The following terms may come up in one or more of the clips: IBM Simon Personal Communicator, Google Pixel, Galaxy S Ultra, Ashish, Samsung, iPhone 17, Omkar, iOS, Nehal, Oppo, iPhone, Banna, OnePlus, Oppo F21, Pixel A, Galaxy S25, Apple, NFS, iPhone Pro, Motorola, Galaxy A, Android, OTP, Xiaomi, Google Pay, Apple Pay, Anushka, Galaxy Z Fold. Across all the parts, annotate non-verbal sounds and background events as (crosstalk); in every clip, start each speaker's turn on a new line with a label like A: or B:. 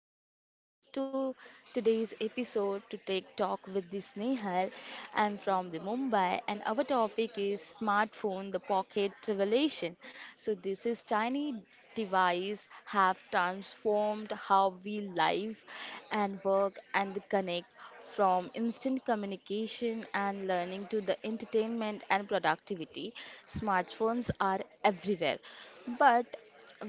A: everyone, welcome to today's episode to take talk with this Nehal. I'm from the Mumbai and our topic is smartphone the pocket revelation. So this is tiny device have transformed how we live and work and connect from instant communication and learning to the entertainment and productivity. Smartphones are everywhere. But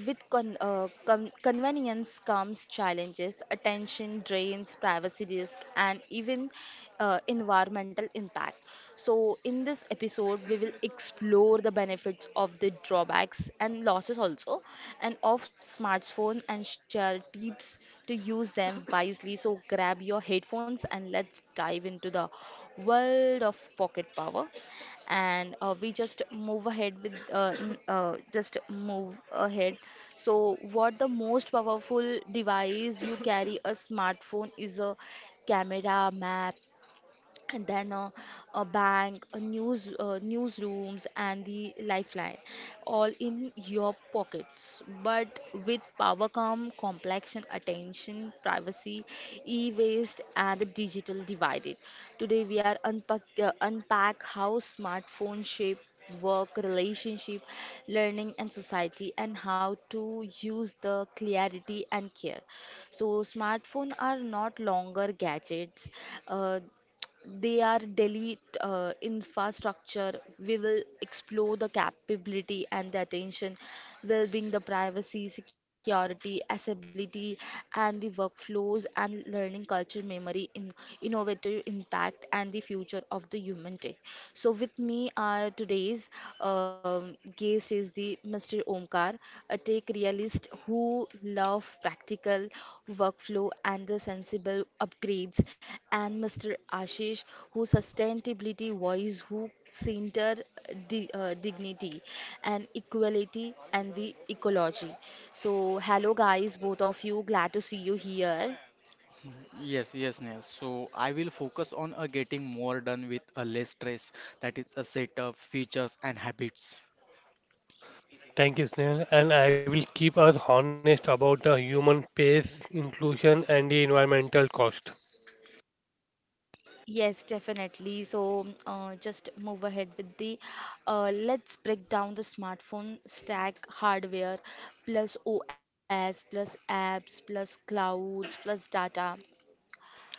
A: with convenience comes challenges, attention drains, privacy risk, and even environmental impact. So, in this episode, we will explore the benefits of the drawbacks and losses also, and of smartphone, and share tips to use them wisely. So, grab your headphones and let's dive into the world of pocket power and we just move ahead with n- just move ahead. So what the most powerful device you carry, a smartphone is a camera, map, and then a bank, a newsrooms, and the lifeline, all in your pockets. But with power come complexion, attention, privacy, e-waste, and the digital divided. Today we are unpack how smartphone shape work relationship, learning and society, and how to use the clarity and care. So smartphone are not longer gadgets, uh, they are Delhi infrastructure. We will explore the capability and the attention, well-being, the privacy, security, accessibility, and the workflows and learning culture, memory, in innovative impact, and the future of the human tech. So with me are today's guest is the be Mr. Omkar, a tech realist who love practical workflow and the sensible upgrades, and Mr. Ashish, who sustainability voice who center dignity and equality and the ecology. So hello guys, both of you, glad to see you here.
B: Yes, yes, Neil. So I will focus on getting more done with less stress, that is a set of features and habits.
C: Thank you, Snehal. And I will keep us honest about the human pace, inclusion, and the environmental cost.
A: Yes, definitely. So, just move ahead with the. Uh, let's break down the smartphone stack hardware plus OS plus apps plus clouds plus data.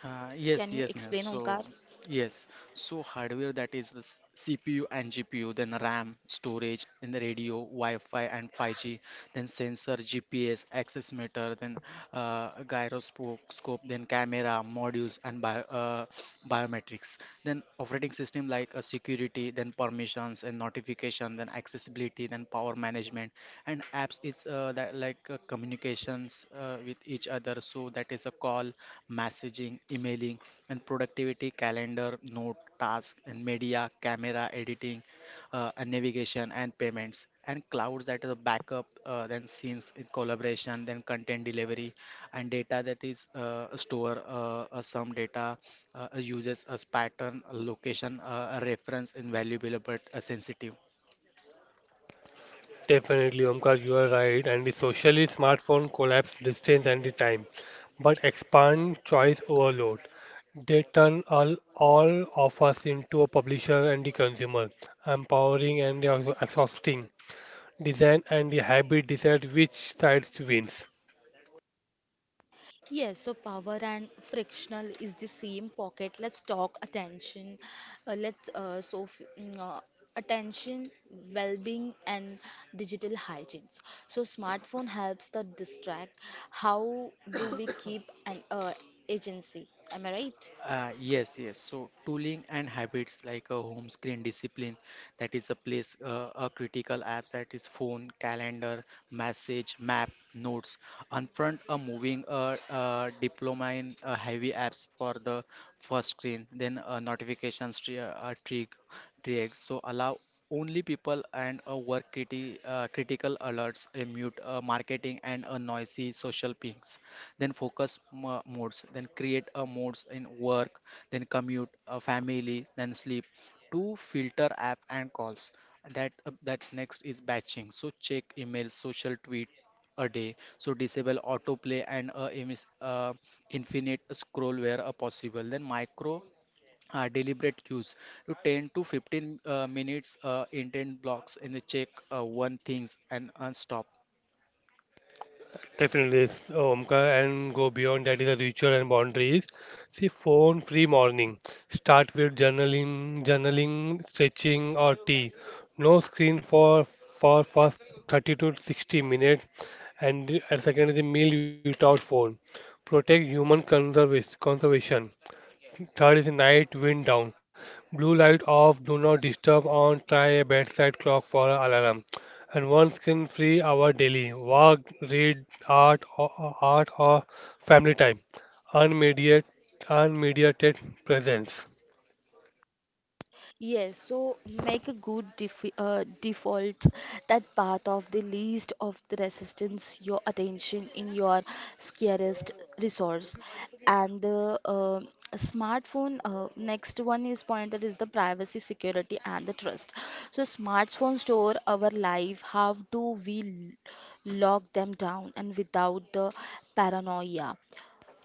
B: Uh,
A: Can you
B: yes, yes,
A: explain,
B: Nehal.
A: Omkar?
B: So, yes. So, hardware that is the CPU and GPU, then RAM, storage, then the radio, Wi-Fi and 5G, then sensor, GPS, access meter, then gyroscope, scope, then camera, modules, and biometrics. Then operating system like security, then permissions and notification, then accessibility, then power management, and apps is that like communications with each other. So that is a call messaging, emailing, and productivity, calendar, note, task, and media, camera, editing, and navigation, and payments, and clouds that is a backup, then scenes in collaboration, then content delivery, and data that is store some data uses as pattern, location, reference, invaluable but sensitive.
C: Definitely, Omkar, you are right. And the socially smartphone collapse distance and the time, but expand choice overload. They turn all of us into a publisher and the consumer, empowering and the also exhausting. Design and the habit decide which side wins.
A: Yes, so power and frictional is the same pocket. Let's talk attention. Let's so f- mm, Attention, well-being, and digital hygiene. So smartphone helps the distract. How do we (coughs) keep an agency? Am I right?
B: Yes, yes. So tooling and habits like a home screen discipline, that is a place, a critical apps that is phone, calendar, message, map, notes. On front, a moving diploma in heavy apps for the first screen, then trig. So allow only people and a work critical alerts, a mute marketing and a noisy social pings, then modes, then create a modes in work, then commute a family, then sleep to filter app and calls that that next is batching, so check email social tweet a day, so disable autoplay and infinite scroll where possible, then micro deliberate use to 10 to 15 minutes intent blocks in the check one things and unstop.
C: Definitely, Omkar, and go beyond that is a ritual and boundaries. See, phone-free morning. Start with journaling, stretching, or tea. No screen for first 30 to 60 minutes, and second is the meal without phone. Protect human conservation. Third is night wind down. Blue light off, do not disturb on, try a bedside clock for an alarm. And one screen free hour daily. Walk, read, art or family time. Unmediated, unmediated presence.
A: Yes, so make a good default that part of the least of the resistance, your attention in your scarcest resource. And the smartphone, next one is pointed is the privacy, security, and the trust. So smartphone store our life. How do we lock them down and without the paranoia?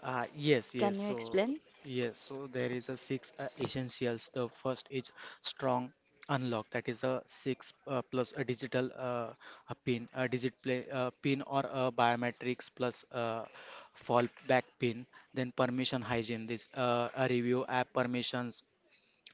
B: Yes, yes.
A: Can you
B: So,
A: explain?
B: yes. So there is a six essentials. The first is strong unlock. That is a six plus a digital a pin, pin or a biometrics plus fallback pin. Then permission hygiene. This a review app permissions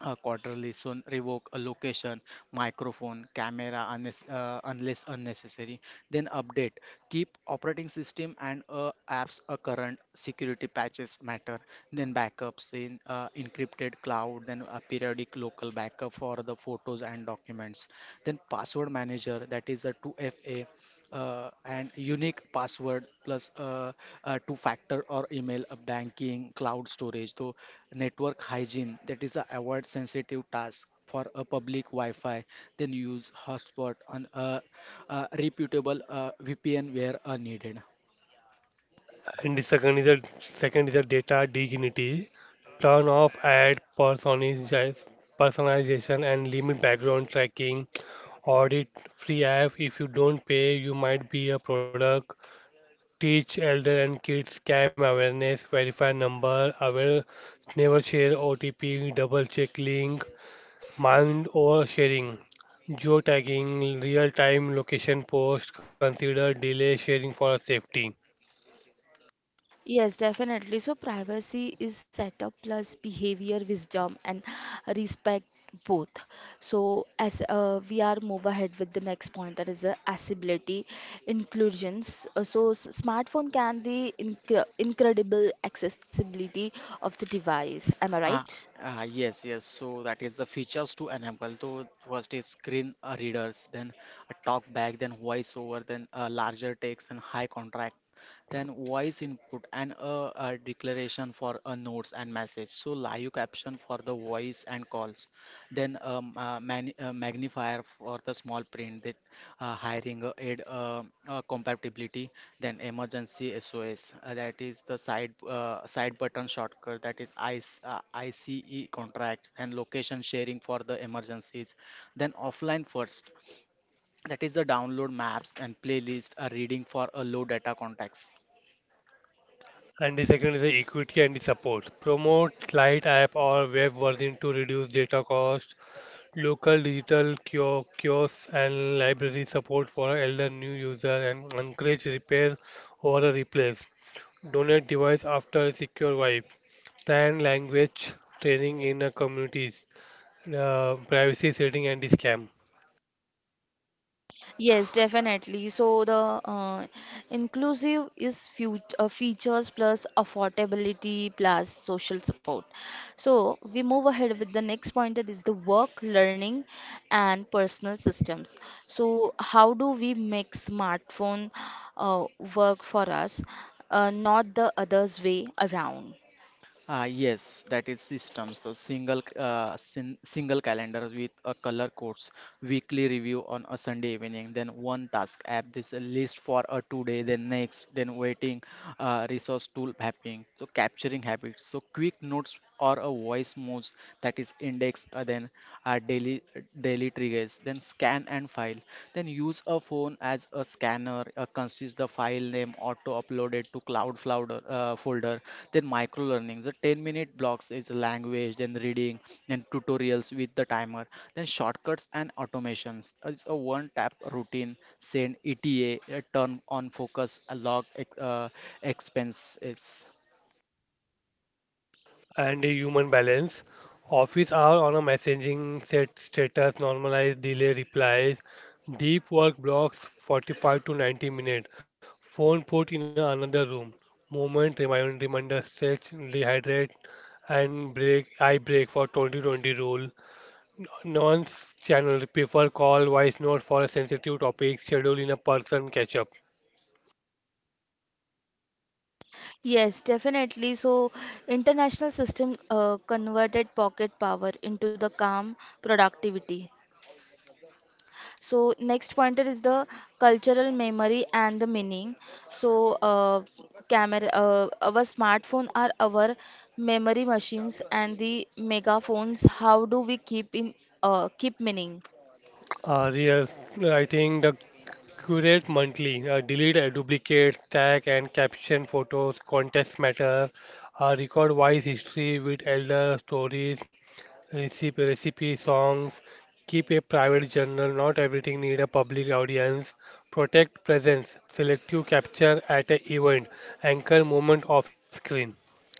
B: a quarterly soon, revoke a location, microphone, camera, unless unless unnecessary. Then update, keep operating system and apps a current security patches matter, then backups in encrypted cloud, then a periodic local backup for the photos and documents, then password manager that is a 2FA and unique password plus two factor or email banking cloud storage. So network hygiene, that is a avoid sensitive task for a public Wi-Fi, then use hotspot on a reputable VPN where needed.
C: And the second is a data dignity. Turn off ad personalization and limit background tracking. Audit free app. If you don't pay, you might be a product. Teach elder and kids scam awareness, verify number, aware, never share OTP, double check link, mind oversharing, geotagging, real time location post, consider delay sharing for safety.
A: Yes, definitely. So privacy is setup plus behavior wisdom and respect, both. So as we are move ahead with the next point that is accessibility, inclusions. So smartphone can the incredible accessibility of the device. Am I
B: Ah,
A: right?
B: yes, yes. So that is the features to enable. So first is screen readers, then a talk back, then voice over, then larger text, then high contract, then voice input, and a declaration for a notes and message. So live caption for the voice and calls. Then magnifier for the small print, that hiring aid compatibility, then emergency SOS. That is the side button shortcut. That is ICE contract and location sharing for the emergencies. Then offline first. That is the download maps and playlist reading for a low data context.
C: And the second is the equity and the support. Promote light app or web version to reduce data cost. Local digital kiosks and library support for elder new user, and encourage repair or a replace. Donate device after secure wipe. Stand language training in a communities. Privacy setting and scam.
A: Yes, definitely. So the uh, inclusive is fut features plus affordability plus social support. So we move ahead with the next point that is the work, learning, and personal systems. So how do we make smartphone uh, work for us, not the others way around?
B: Ah, yes, that is systems. So single c- sin single calendar with a color codes, weekly review on a Sunday evening, then one task app, this a list for a today, then next, then waiting, resource tool mapping. So capturing habits. So quick notes or a voice moves that is index, then uh, daily daily triggers, then scan and file. Then use a phone as a scanner, consist the file name auto uploaded to folder. Then micro learning. The 10-minute blocks is language, then reading, then tutorials with the timer. Then shortcuts and automations. It's a one tap routine, send ETA, turn on focus, uh, log expenses.
C: And a human balance. Office hour on a messaging, set status, normalize delay replies. Deep work blocks 45 to 90 minutes. Phone put in another room. Moment reminder, stretch, rehydrate, and break, eye break for 2020 rule, non channel prefer call voice note for a sensitive topic. Schedule in a person catch-up.
A: Yes, definitely. So, international system converted pocket power into the calm productivity. So next pointer is the cultural memory and the meaning. So camera, our smartphone are our memory machines and the megaphones. How do we keep meaning?
C: Real writing the curate monthly, delete duplicates, tag and caption photos, contest matter, record voice history with elder stories, recipe songs, keep a private journal, not everything need a public audience, protect presence, selective capture at a event, anchor moment off screen.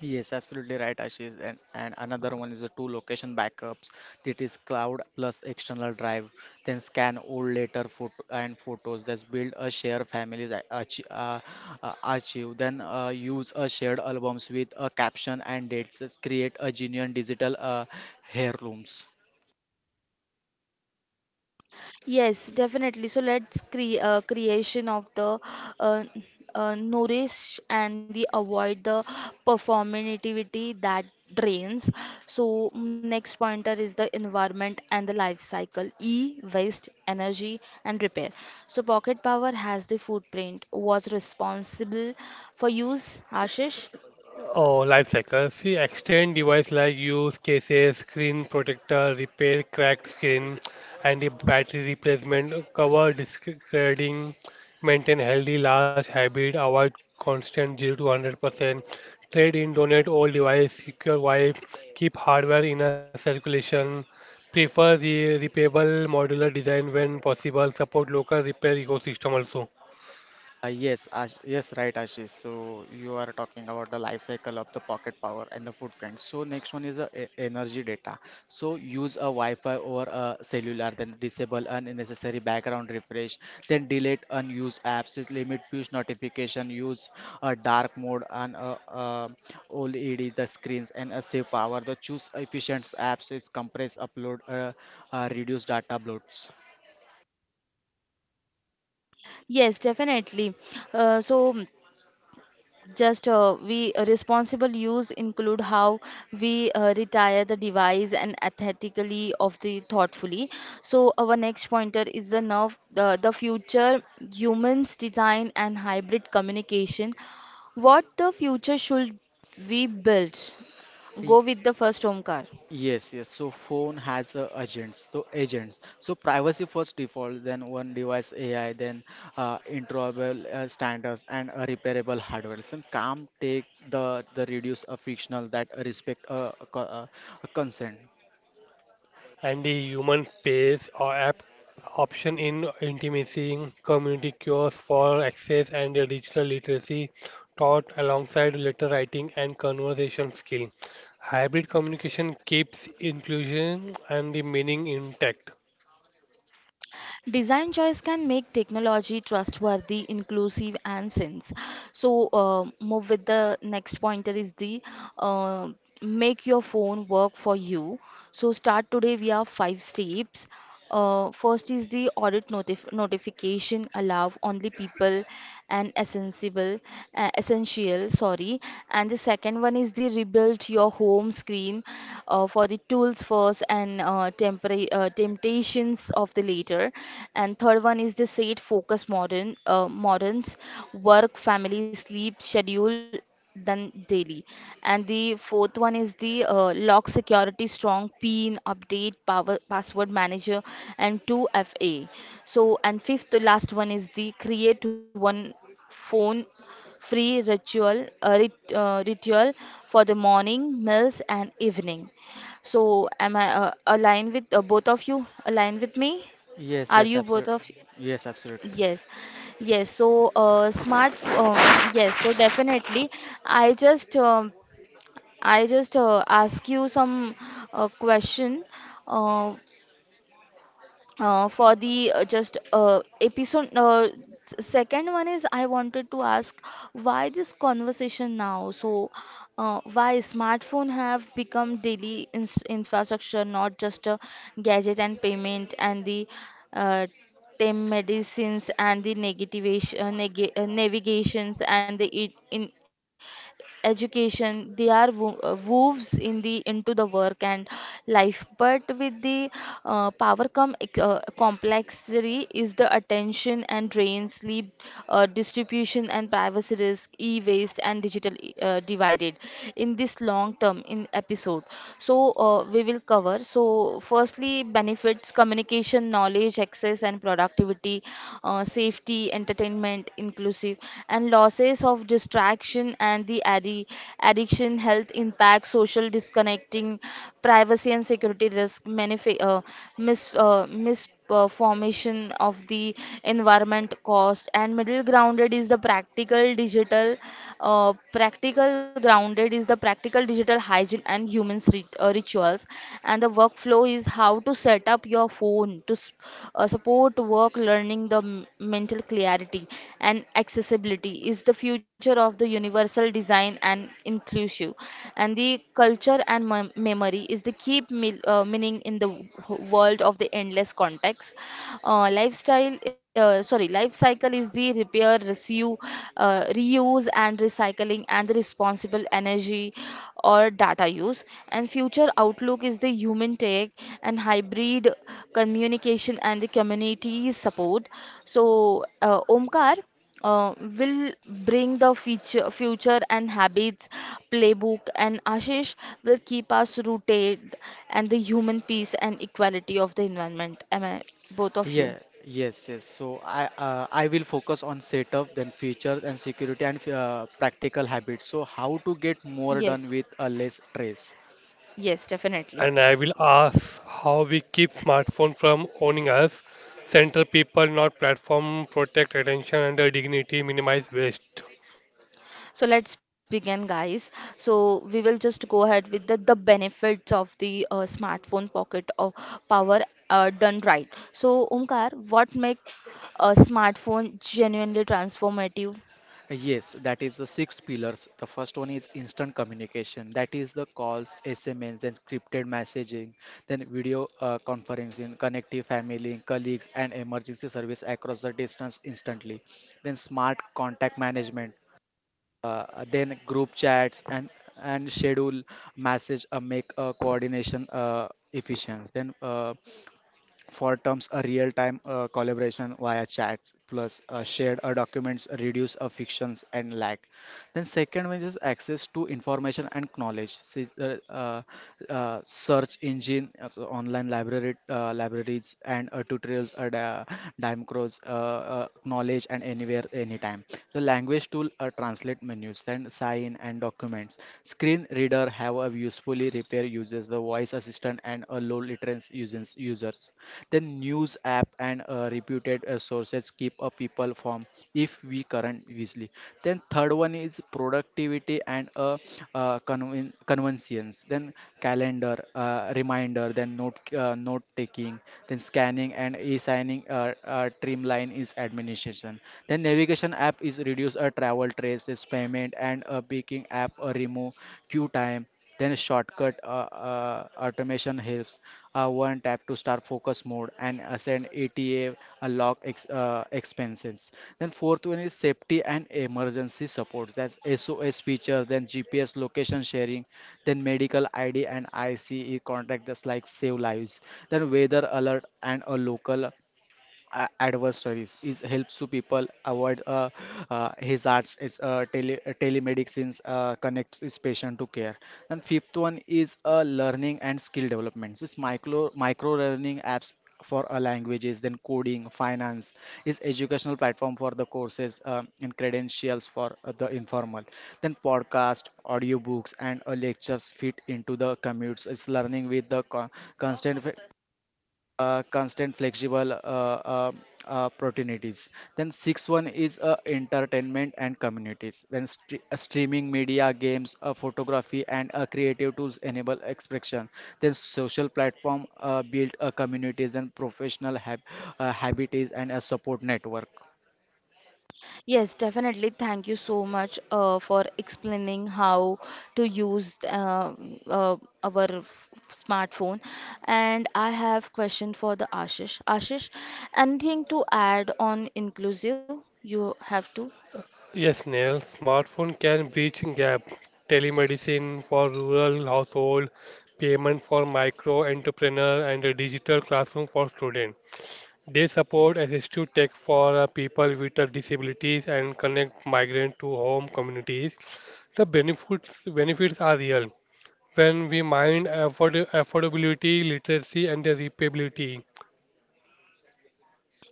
B: Yes, absolutely right, Ashish. And another one is the two location backups. That is cloud plus external drive. Then scan old later photo and photos. That's build a shared family's archive. Then use a shared albums with a caption and dates. Let's create a genuine digital heirlooms.
A: Yes, definitely. So let's creation of the uh, nourish and the avoid the performativity that drains. So next pointer is the environment and the life cycle. E, waste, energy and repair. So pocket power has the footprint. Was responsible for use, Ashish?
C: Oh, lifecycle. See, extend device like use cases, screen protector, repair cracked screen, and the battery replacement, cover discarding, maintain healthy large habit, avoid constant 0 to 100%, trade in, donate old device, secure wipe, keep hardware in a circulation, prefer the repayable modular design when possible, support local repair ecosystem also.
B: Yes, right, Ashish. So you are talking about the life cycle of the pocket power and the footprint. So next one is the energy data. So use a Wi-Fi over a cellular, then disable unnecessary background refresh, then delete unused apps, is limit push notification, use a dark mode and OLED the screens and a save power. The choose efficient apps is compress, upload, reduce data bloats.
A: Yes, definitely. Uh, so. mm, Just we responsible use include how we retire the device and ethically of the thoughtfully. So our next pointer is the the future humans design and hybrid communication. What the future should we build? Go with the first, Omkar.
B: Yes, yes. So phone has agents. So agents. So privacy first default, then one device AI, then interoperable standards and a repairable hardware. So calm take the reduce a fictional that respect a consent.
C: And the human space or app option in intimacy, community cures for access, and the digital literacy taught alongside letter writing and conversation skill. Hybrid communication keeps inclusion and the meaning intact.
A: Design choice can make technology trustworthy, inclusive, and sense. So, move with the next pointer is the uh, make your phone work for you. So, start today via five steps. First is the audit notification allow only people and essential, sorry. And the second one is the rebuild your home screen for the tools first and temptations of the later. And third one is the set focus modern moderns work, family, sleep schedule than daily. And the fourth one is the lock security strong PIN update power password manager and 2FA. So and fifth to last one is the create one phone free ritual for the morning meals and evening. So am I aligned with both of you? Align with me?
B: Yes,
A: Are
B: yes,
A: you both
B: absolutely.
A: of?
B: Yes, absolutely.
A: Yes, yes. So, yes. So definitely, I just, um, I just ask you some question. Uh, for the just episode. Second one is I wanted to ask, why this conversation now? So, why smartphone have become daily ins infrastructure, not just a gadget and payment and the uh, telemedicines and the negativation, neg navigations and the in education. They are woves in the into the work and life, but with the power come complexity is the attention and drain sleep distribution and privacy risk, e-waste and digital divided in this long term in episode. So we will cover. So firstly, benefits: communication, knowledge access and productivity, safety, entertainment, inclusive, and losses of distraction and the addiction, health impact, social disconnecting, privacy and security risk, formation of the environment cost, and middle grounded is the practical digital hygiene and humans rituals and the workflow is how to set up your phone to support work learning, the mental clarity, and accessibility is the future of the universal design and inclusive. And the culture and memory is the key meaning in the world of the endless context. Life cycle is the repair, reuse, reuse and recycling and the responsible energy or data use, and future outlook is the human tech and hybrid communication and the community support. So Omkar will bring the future and habits playbook, and Ashish will keep us rooted and the human peace and equality of the environment. Am I, both of you?
B: Yeah, yes, yes. So I will focus on setup, then features and security and practical habits. So how to get more done
A: Yes,
B: with a less stress.
A: yes, definitely.
C: And I will ask how we keep smartphone from owning us, center people, not platform, protect attention and the dignity, minimize waste.
A: So let's begin, guys. So we will just go ahead with the benefits of the smartphone pocket of power done right. So Omkar, what make a smartphone genuinely transformative?
B: Yes, that is the six pillars. The first one is instant communication. That is the calls, SMS, then scripted messaging, then video conferencing, connecting family, colleagues, and emergency service across the distance instantly. Then smart contact management. Then group chats and schedule message make coordination efficient. Then for terms, a real-time collaboration via chats plus shared documents reduce frictions and lag. Then second one is access to information and knowledge. See, search engine, so online library, libraries and tutorials at Dimecro's knowledge and anywhere, anytime. So language tool translate menus, then sign and documents. Screen reader have a of usefully repair users, the voice assistant, and low latency users. The news app and reputed sources keep a people from if we current easily. Then third one is productivity and convenience. Then calendar, reminder, then note taking, then scanning and e-signing. Trimline is administration. Then navigation app is reduce a travel traces, payment and a baking app remove queue time. Then shortcut automation helps. One tap to start focus mode and ascend ATA uh, log expenses. Then fourth one is safety and emergency support. That's SOS feature. Then GPS location sharing. Then medical ID and ICE contact. That's like save lives. Then weather alert and a local adverse stories is helps to people avoid hazards is telemedicines connects its patient to care. And fifth one is learning and skill development, this micro learning apps for languages, then coding, finance is educational platform for the courses, and credentials for the informal, then podcast, audiobooks, and lectures fit into the commutes, it's learning with the constant constant flexible opportunities. Then sixth one is entertainment and communities, then streaming media, games, photography, and creative tools enable expression, then social platform build communities and habits and a support network.
A: Yes, definitely. Thank you so much for explaining how to use uh, smartphone. And I have question for the Ashish. Ashish, anything to add on inclusive? You have to.
C: Yes, Neil, smartphone can bridge gap. Telemedicine for rural household, payment for micro entrepreneur, and a digital classroom for students. They support assistive tech for people with disabilities, and connect migrant to home communities. The benefits are real when we mind afford affordability, literacy, and the repayability.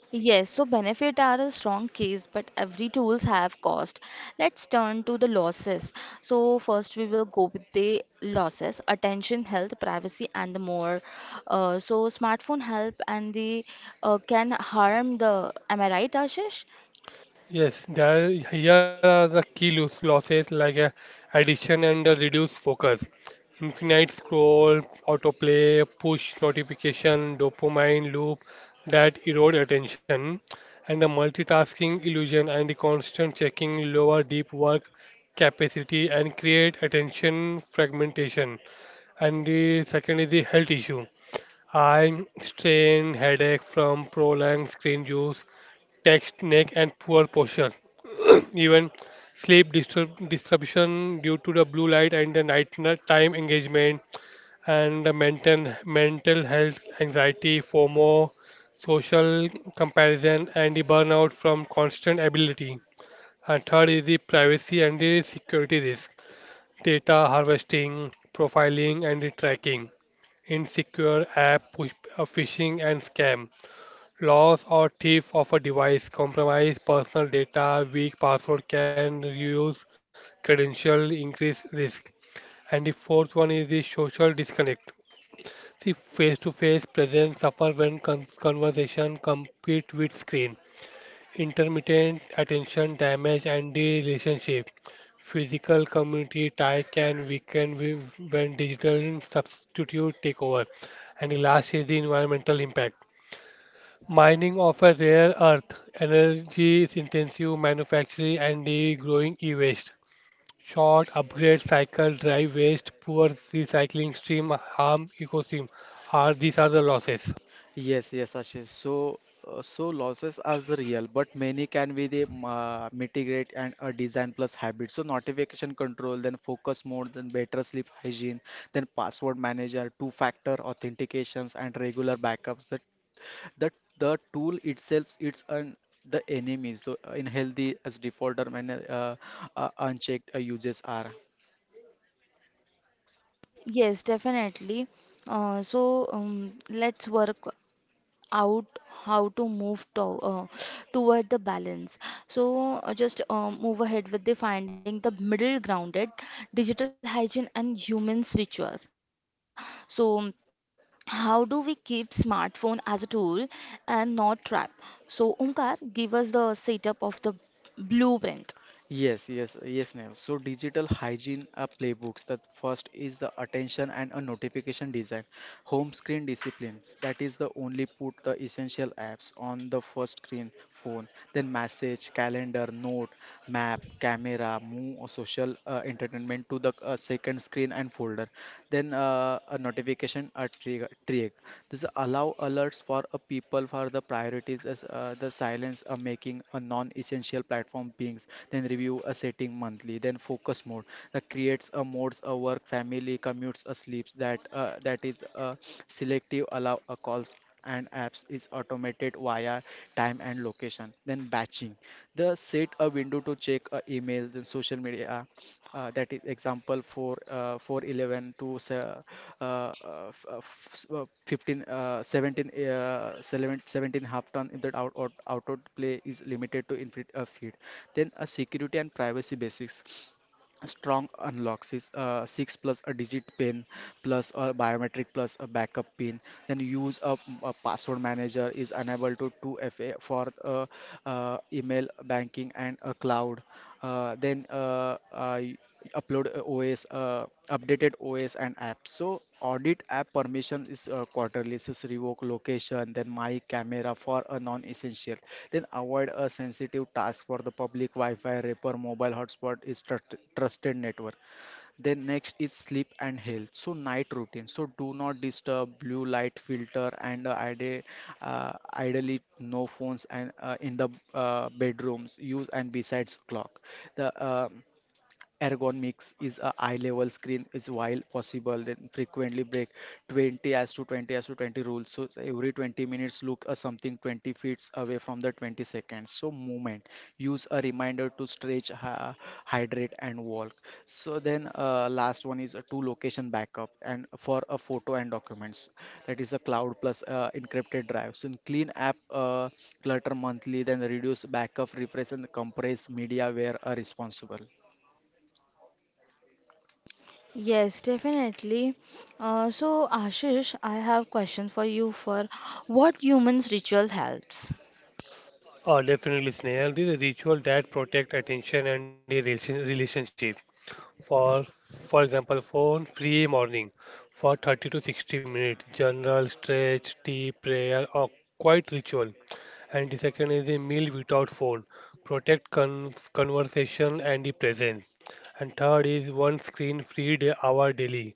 A: Yes, so benefit are a strong case, but every tools have cost. Let's turn to the losses. So first we will go with the losses, attention, health, privacy, and the more. So smartphone help and the can harm the. Am I right, Ashish?
C: Yes, there here are the key losses like addiction and reduced focus, infinite scroll, autoplay, push notification, dopamine loop that erode attention, and the multitasking illusion and the constant checking lower deep work capacity and create attention fragmentation. And the second is the health issue. Eye strain, headache from prolonged screen use, text, neck, and poor posture, even sleep disturb disruption due to the blue light and the night time engagement, and the mental health anxiety, FOMO, social comparison, and the burnout from constant ability. And third is the privacy and the security risk, data harvesting, profiling, and the tracking, insecure app push, phishing and scam. Loss or theft of a device, compromise personal data, weak password can reduce credential, increase risk. And the fourth one is the social disconnect. See, face-to-face presence suffer when conversation compete with screen. Intermittent attention damage and the relationship. Physical community tie can weaken when digital substitute take over. And the last is the environmental impact. Mining offers rare earth, energy-intensive manufacturing, and the growing e-waste. Short upgrade cycles drive waste, poor recycling stream, harm ecosystem. Are these are the losses?
B: Yes, yes, Ashish. So, so losses are the real, but many can be the mitigate and design plus habit. So notification control, then focus mode, then better sleep hygiene, then password manager, two-factor authentications, and regular backups. That the tool itself, it's an the enemy. So in healthy as defaulter, when unchecked uses are.
A: Yes, definitely. So let's work out how to move to, uh, toward the balance. So just move ahead with the finding the middle grounded digital hygiene and humans rituals. So how do we keep smartphone as a tool and not trap? So Omkar, give us the setup of the blueprint.
B: Yes, yes, yes, Neil. So digital hygiene playbooks. The first is the attention and a notification design. Home screen disciplines. That is the only put the essential apps on the first screen phone. Then message, calendar, note, map, camera, move, or social entertainment to the second screen and folder. Then a notification a trigger trick, this allow alerts for a people for the priorities as the silence making a non-essential platform beings, then review a setting monthly, then focus mode that creates a modes a work, family, commutes a sleeps that that is selective allow a calls and apps is automated via time and location. Then batching, the set a window to check a email, then social media. That is example for 411 to uh, uh, 15 17 17 half ton in that out play is limited to infinite feed. Then a security and privacy basics, strong unlocks is 6 plus a digit pin plus a biometric plus a backup pin. Then use a password manager is unable to 2FA for email, banking, and a cloud, then upload OS, updated OS and apps. So audit app permission is quarterly. So it's revoke location, then my camera for a non-essential. Then avoid a sensitive task for the public Wi-Fi, repair, mobile hotspot is trusted network. Then next is sleep and health. So night routine. So do not disturb, blue light filter, and ideally no phones and in the bedrooms. Use and besides clock. The Ergonomics is a eye level screen is while possible then frequently break 20 as to 20 as to 20 rules, so it's every 20 minutes look something 20 feet away from the 20 seconds, so movement. Use a reminder to stretch hydrate and walk. So then last one is a two location backup and for a photo and documents. That is a cloud plus encrypted drive, so in clean app clutter monthly then reduce backup refresh and compress media where responsible.
A: Yes, definitely. So, Ashish, I have question for you for what humans ritual helps?
C: Definitely, Snail. This is a ritual that protect attention and the relationship. For example, phone free morning for 30 to 60 minutes, general stretch, tea, prayer, or quiet ritual. And the second is the meal without phone, protect conversation and the presence. And third is one screen free day hour daily,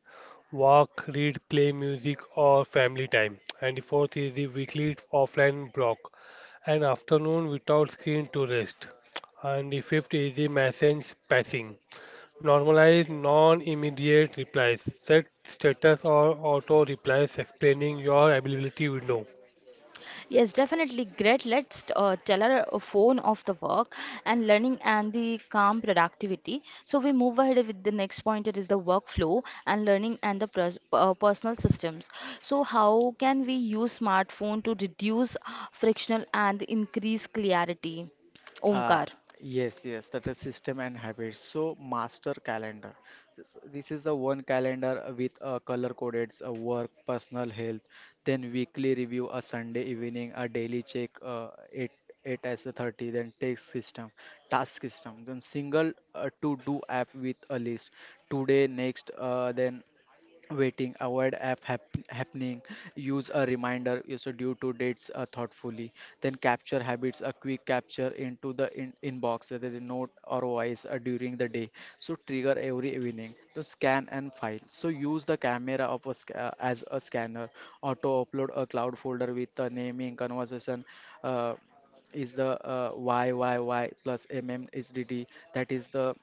C: walk, read, play music, or family time. And the fourth is the weekly offline block, an afternoon without screen to rest. And the fifth is the message passing. Normalize non-immediate replies. Set status or auto replies explaining your availability window.
A: Yes, definitely, great. Let's tell our phone of the work and learning and the calm productivity. So we move ahead with the next point. It is the workflow and learning and the personal systems. So how can we use smartphone to reduce frictional and increase clarity?
B: Uh,
A: Omkar.
B: yes, yes, that is system and habits. So, master calendar. This is the one calendar with color coded work, personal health, then weekly review, a Sunday evening, a daily check, 8, 8 as a 30, then task system, then single to do app with a list, today, next, then waiting avoid app happening, use a reminder is due to dates thoughtfully, then capture habits, a quick capture into the inbox whether in note or voice during the day, so trigger every evening, so scan and file, so use the camera of a as a scanner, auto upload a cloud folder with the naming conversation. uh, is the y y y plus mm is dd, that is the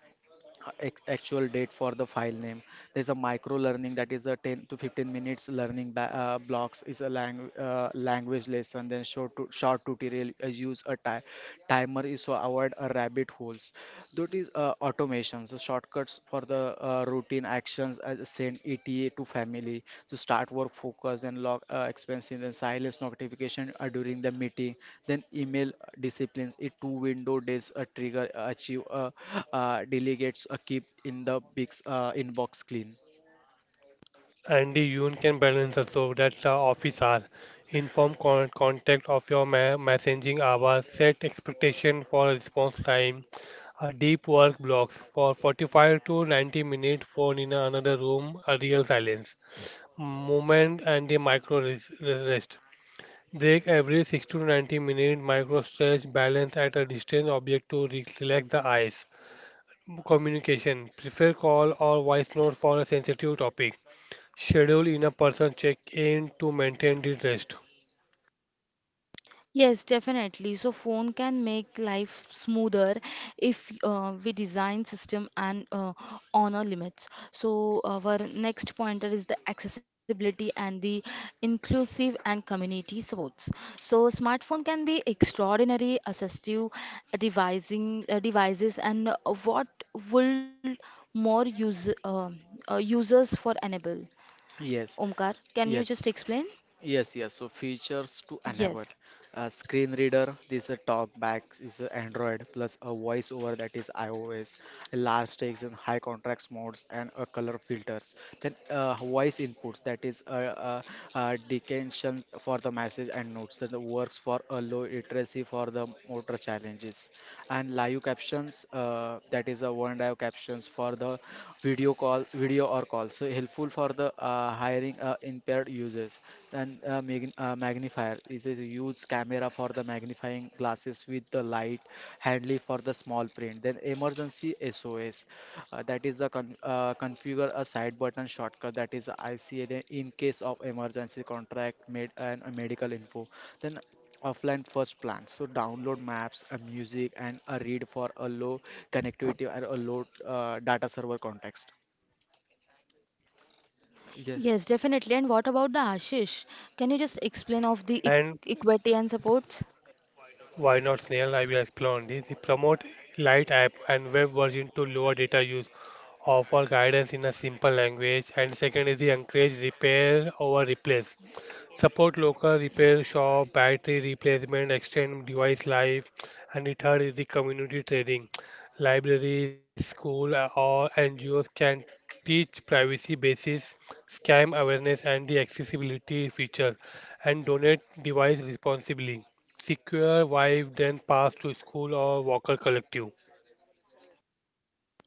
B: actual date for the file name. There's a micro learning, that is a 10 to 15 minutes learning blocks, is a language lesson, then short short tutorial, use a timer is to avoid a rabbit holes. That is automation, so shortcuts for the routine actions as send ETA to family. So start work focus and log expenses and silence notification during the meeting. Then email disciplines it, two window days, a trigger achieve delegates, a keep in the big inbox clean.
C: Andy Yoon can balance also that the office hour. Inform contact of your messaging hour. Set expectation for response time. A deep work blocks for 45 to 90 minutes, phone in another room. A real silence. Moment and the micro rest. Break every 60 to 90 minute, microstretch, balance at a distant object to relax the eyes. Communication. Prefer call or voice note for a sensitive topic. Schedule in a person check-in to maintain the rest.
A: Yes, definitely. So phone can make life smoother if we design system and honor limits. So our next pointer is the accessibility and the inclusive and community supports. So smartphone can be extraordinary assistive devising devices and what will more use users for enable.
B: Yes,
A: Omkar, can
B: yes.
A: you just explain?
B: Yes, yes. So features to enable
A: Yes.
B: a screen reader. This is a talkback is a Android plus a voiceover, that is iOS. A large text and high contrast modes and a color filters. Then voice inputs, that is a, decantation for the message and notes. Then the works for a low literacy for the motor challenges and live captions that is a one and I have captions for the video or call. So helpful for the hiring impaired users. And magnifier is a huge camera for the magnifying glasses with the light, handly for the small print. Then emergency SOS, that is the configure a side button shortcut. That is ICA. Then in case of emergency, contract made and medical info. Then offline first plans. So download maps, a music and a read for a low connectivity or a low data server context. Yeah.
A: Yes, definitely. And what about the Ashish? Can you just explain of the e
C: And
A: equity and supports?
C: why not, Snail? I will explain on this. The promote Lite app and web version to lower data use, offer guidance in a simple language. And second is the encourage repair over replace. Support local repair shop, battery replacement, extend device life. And the third is the community trading. Libraries, school, or NGOs can teach privacy basis, scam awareness, and the accessibility features, and donate device responsibly. Secure Vibe, then pass to school or Walker Collective.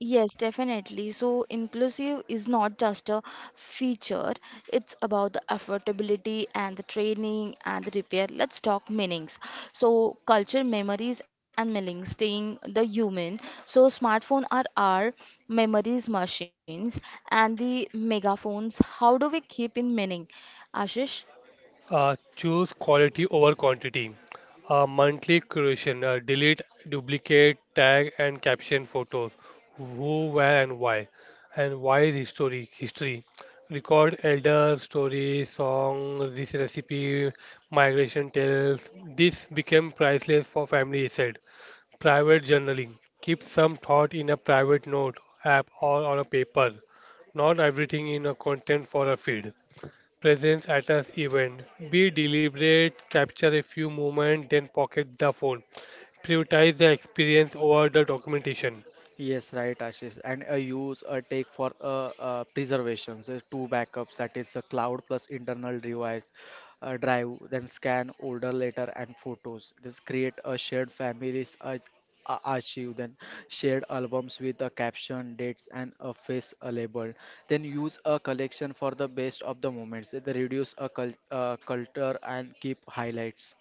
A: Yes, definitely. So, inclusive is not just a feature, it's about the affordability and the training and the repair. Let's talk meanings. So, culture, memories, and meanings, staying the human. So, smartphone are our memories machines, and the megaphones. How do we keep in meaning, Ashish?
C: Choose quality over quantity. Monthly curation. Delete, duplicate, tag, and caption photos. Who, where, and why. And why is history? Record elder story, song, this recipe, migration tales. This became priceless for family, he said. Private journaling. Keep some thought in a private note app or on a paper. Not everything in a content for a feed. Presence at an event. Be deliberate, capture a few moments, then pocket the phone. Prioritize the experience over the documentation.
B: Yes, right, Ashish. And a use a take for preservation. So two backups, that is the cloud plus internal device drive, then scan older letter and photos. This create a shared families archive, then shared albums with the caption, dates, and a face label. Then use a collection for the best of the moments. They reduce a culture and keep highlights.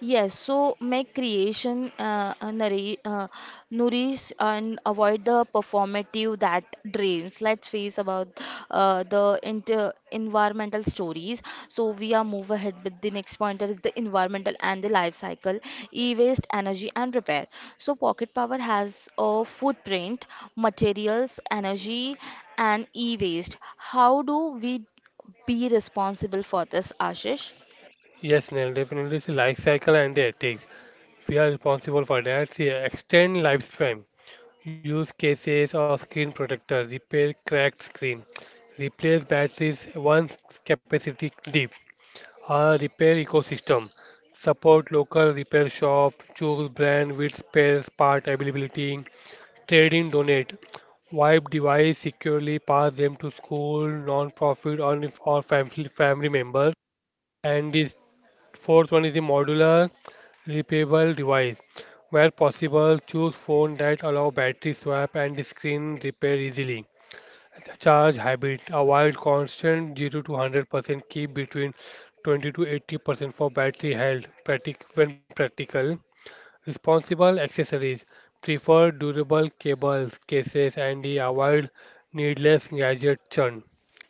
A: Yes, so make creation nourish and avoid the performative that drains. Let's face about the inter environmental stories. So we are move ahead with the next pointer is the environmental and the life cycle, e-waste, energy and repair. So pocket power has a footprint, materials, energy and e-waste. How do we be responsible for this, Ashish?
C: Yes, Neil, definitely it's life cycle and the ethics. We are responsible for that. See, extend lifespan. Use cases or screen protector. Repair cracked screen. Replace batteries once capacity deep. Our repair ecosystem, support local repair shop, choose brand with spare part availability, trade in, donate, wipe device securely, pass them to school, non-profit, or family members. And this fourth one is the modular repairable device. Where possible, choose phone that allow battery swap and screen repair easily. Charge habit. Avoid constant 0 to 100%. Keep between 20 to 80% for battery health when practical. Responsible accessories. Prefer durable cables, cases, and avoid needless gadget churn.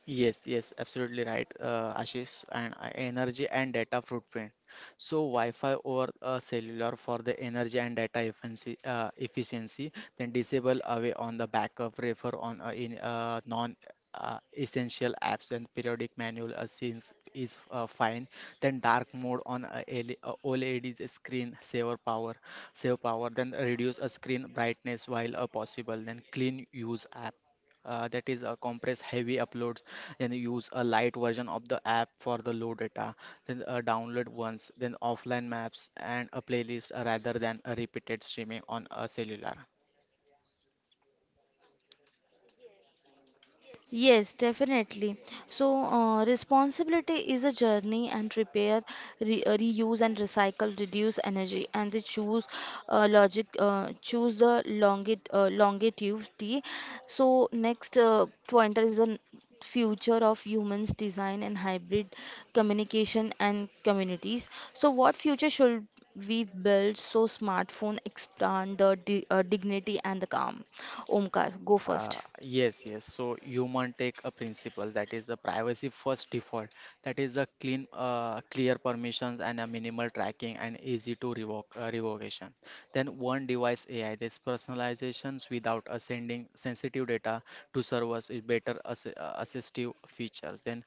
B: Yes, yes, absolutely right, Ashish. And energy and data footprint. So Wi-Fi over cellular for the energy and data efficiency, efficiency. Then disable away on the backup, refer on in non. Essential apps and periodic manual assistance is fine, then dark mode on OLEDs screen saver, power save power, then reduce a screen brightness while possible, then clean use app that is a compress heavy uploads, then you use a light version of the app for the low data, then download once, then offline maps and a playlist rather than a repeated streaming on a cellular.
A: Yes, definitely. So, responsibility is a journey and repair, re reuse and recycle, reduce energy, and they choose choose the longit longevity. So, next pointer is a future of humans design and hybrid communication and communities. So, what future should we build so smartphone expand the di dignity and the calm? Omkar, go first.
B: Yes, yes. So human take a principle, that is the privacy first default, that is the clean clear permissions and a minimal tracking and easy to revoke revocation. Then one device ai, this personalizations without a sending sensitive data to serve us a better assistive features. Then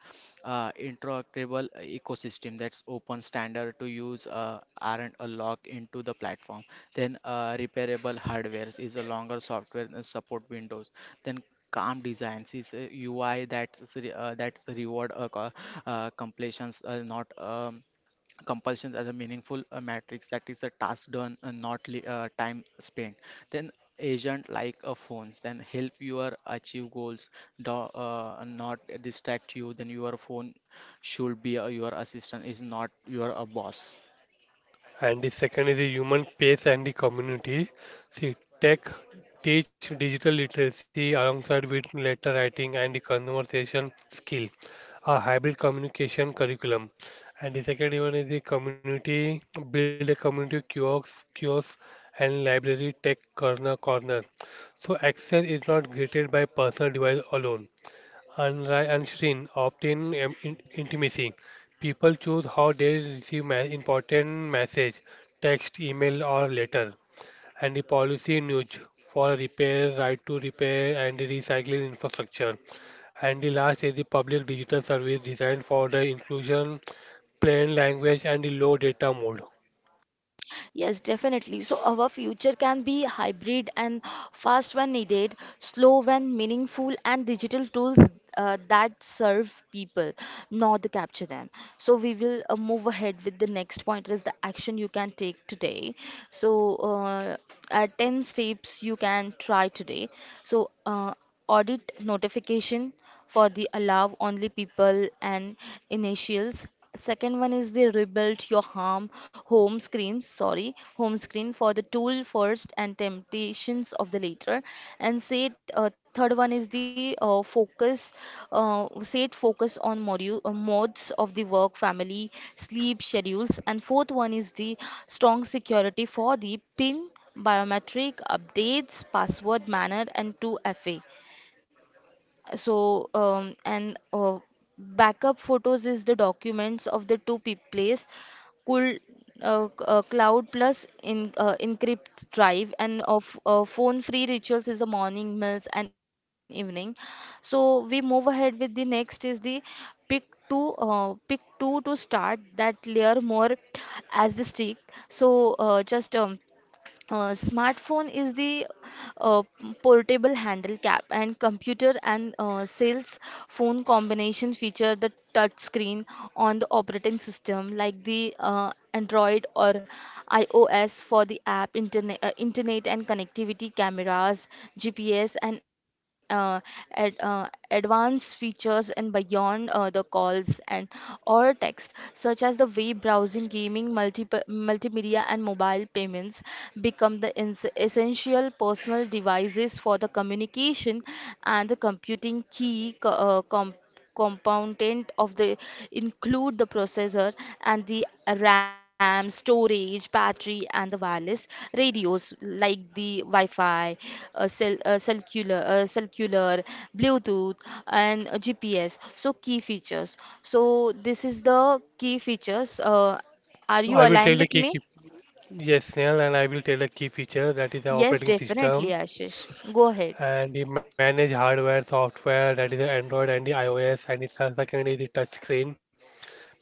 B: interoperable ecosystem, that's open standard to use aren't a lock into the platform. Then repairable hardware is a longer software and support windows. Then calm designs is a UI that's reward completions, not compulsions, as a meaningful matrix, that is a task done and not time spent. Then agent like a phones then help you achieve goals, do not distract you, then your phone should be your assistant, is not your a boss.
C: And the second is the human space and the community. See, tech teach digital literacy alongside with letter writing and the conversation skill. A hybrid communication curriculum. And the second one is the community, build a community kiosk and library tech corner. So access is not gated by personal device alone. Unlike unseen, obtain intimacy. People choose how they receive important message, text, email, or letter. And the policy nudge for repair, right to repair, and recycling infrastructure. And the last is the public digital service designed for the inclusion, plain language, and the low data mode.
A: Yes, definitely. So our future can be hybrid and fast when needed, slow when meaningful, and digital tools that serve people, not capture them. So we will move ahead with the next point is the action you can take today. So uh, 10 steps you can try today. So uh, Audit notification for the allow only people and initials. Second one is the rebuild your harm home screen, sorry, home screen for the tool first and temptations of the later. And set third one is the set focus on module modes of the work, family, sleep schedules. And fourth one is the strong security for the pin biometric updates, password manner, and 2FA. So, and Backup photos is the documents of the two pe place, cool cloud plus in encrypt drive, and of phone-free rituals is the morning meals and evening. So we move ahead with the next is the pick pick two to start that layer more as the stick. So just Smartphone is the uh, portable handle cap and computer and sales phone combination feature the touch screen on the operating system like the Android or iOS for the app internet and connectivity cameras GPS and ad, uh, advanced features and beyond the calls and or text, such as the way browsing, gaming, multimedia, and mobile payments become the essential personal devices for the communication and the computing key component of the include the processor and the RAM, storage, battery, and the wireless radios like the Wi-Fi, cellular, Bluetooth, and GPS. So key features. So this is the key features. Are
C: So
A: you
C: I will tell
A: aligned
C: the
A: with
C: key,
A: me?
C: key yes, Snehal, and I will tell the key feature that is the
A: Yes,
C: operating
A: definitely,
C: system
A: Ashish. Go ahead.
C: and we manage hardware, software, that is the Android and the iOS. And its second is the touch screen,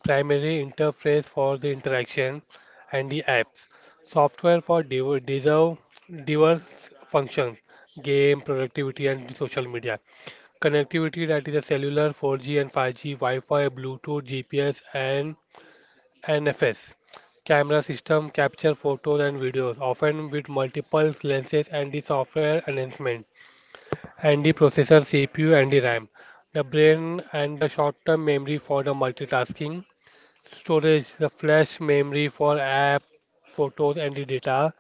C: primary interface for the interaction, and the apps, software for deserve diverse functions, game, productivity, and social media, connectivity that is a cellular, 4G and 5G, Wi-Fi, Bluetooth, GPS, and NFS. Camera system capture photos and videos, often with multiple lenses and the software enhancement, and the processor CPU and the RAM, the brain and the short-term memory for the multitasking, storage, the flash memory for app, photos and the data,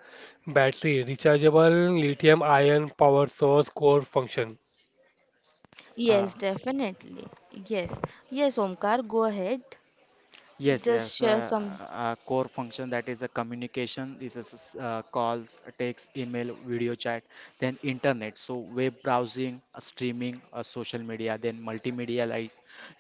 C: battery, rechargeable lithium ion power source core function.
B: uh,
A: Yes, definitely. Yes. Yes, Omkar, go ahead.
B: yes,
A: Just
B: yes.
A: share some.
B: Core function, that is a communication. This is calls, text, email, video chat, then internet. So web browsing, streaming, social media, then multimedia like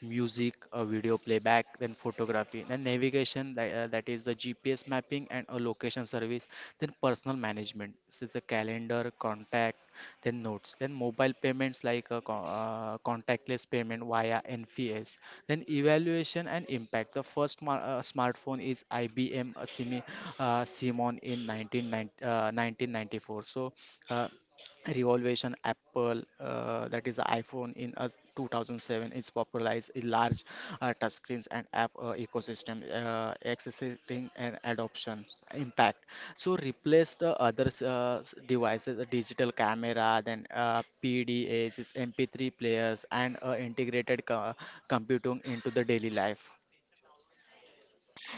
B: music, video playback, then photography, then navigation, that is the GPS mapping and a location service, then personal management, so the calendar, contact, then notes, then mobile payments like contactless payment via NPS, then evaluation and impact. The first smartphone is IBM Simon in 1990, 1994. So. Uh, Revolution apple, that is the iphone in 2007, is popularized a large touchscreens and app ecosystem accessing and adoptions impact, so replace the other devices, the digital camera, then pdas is mp3 players, and integrated computing into the daily life.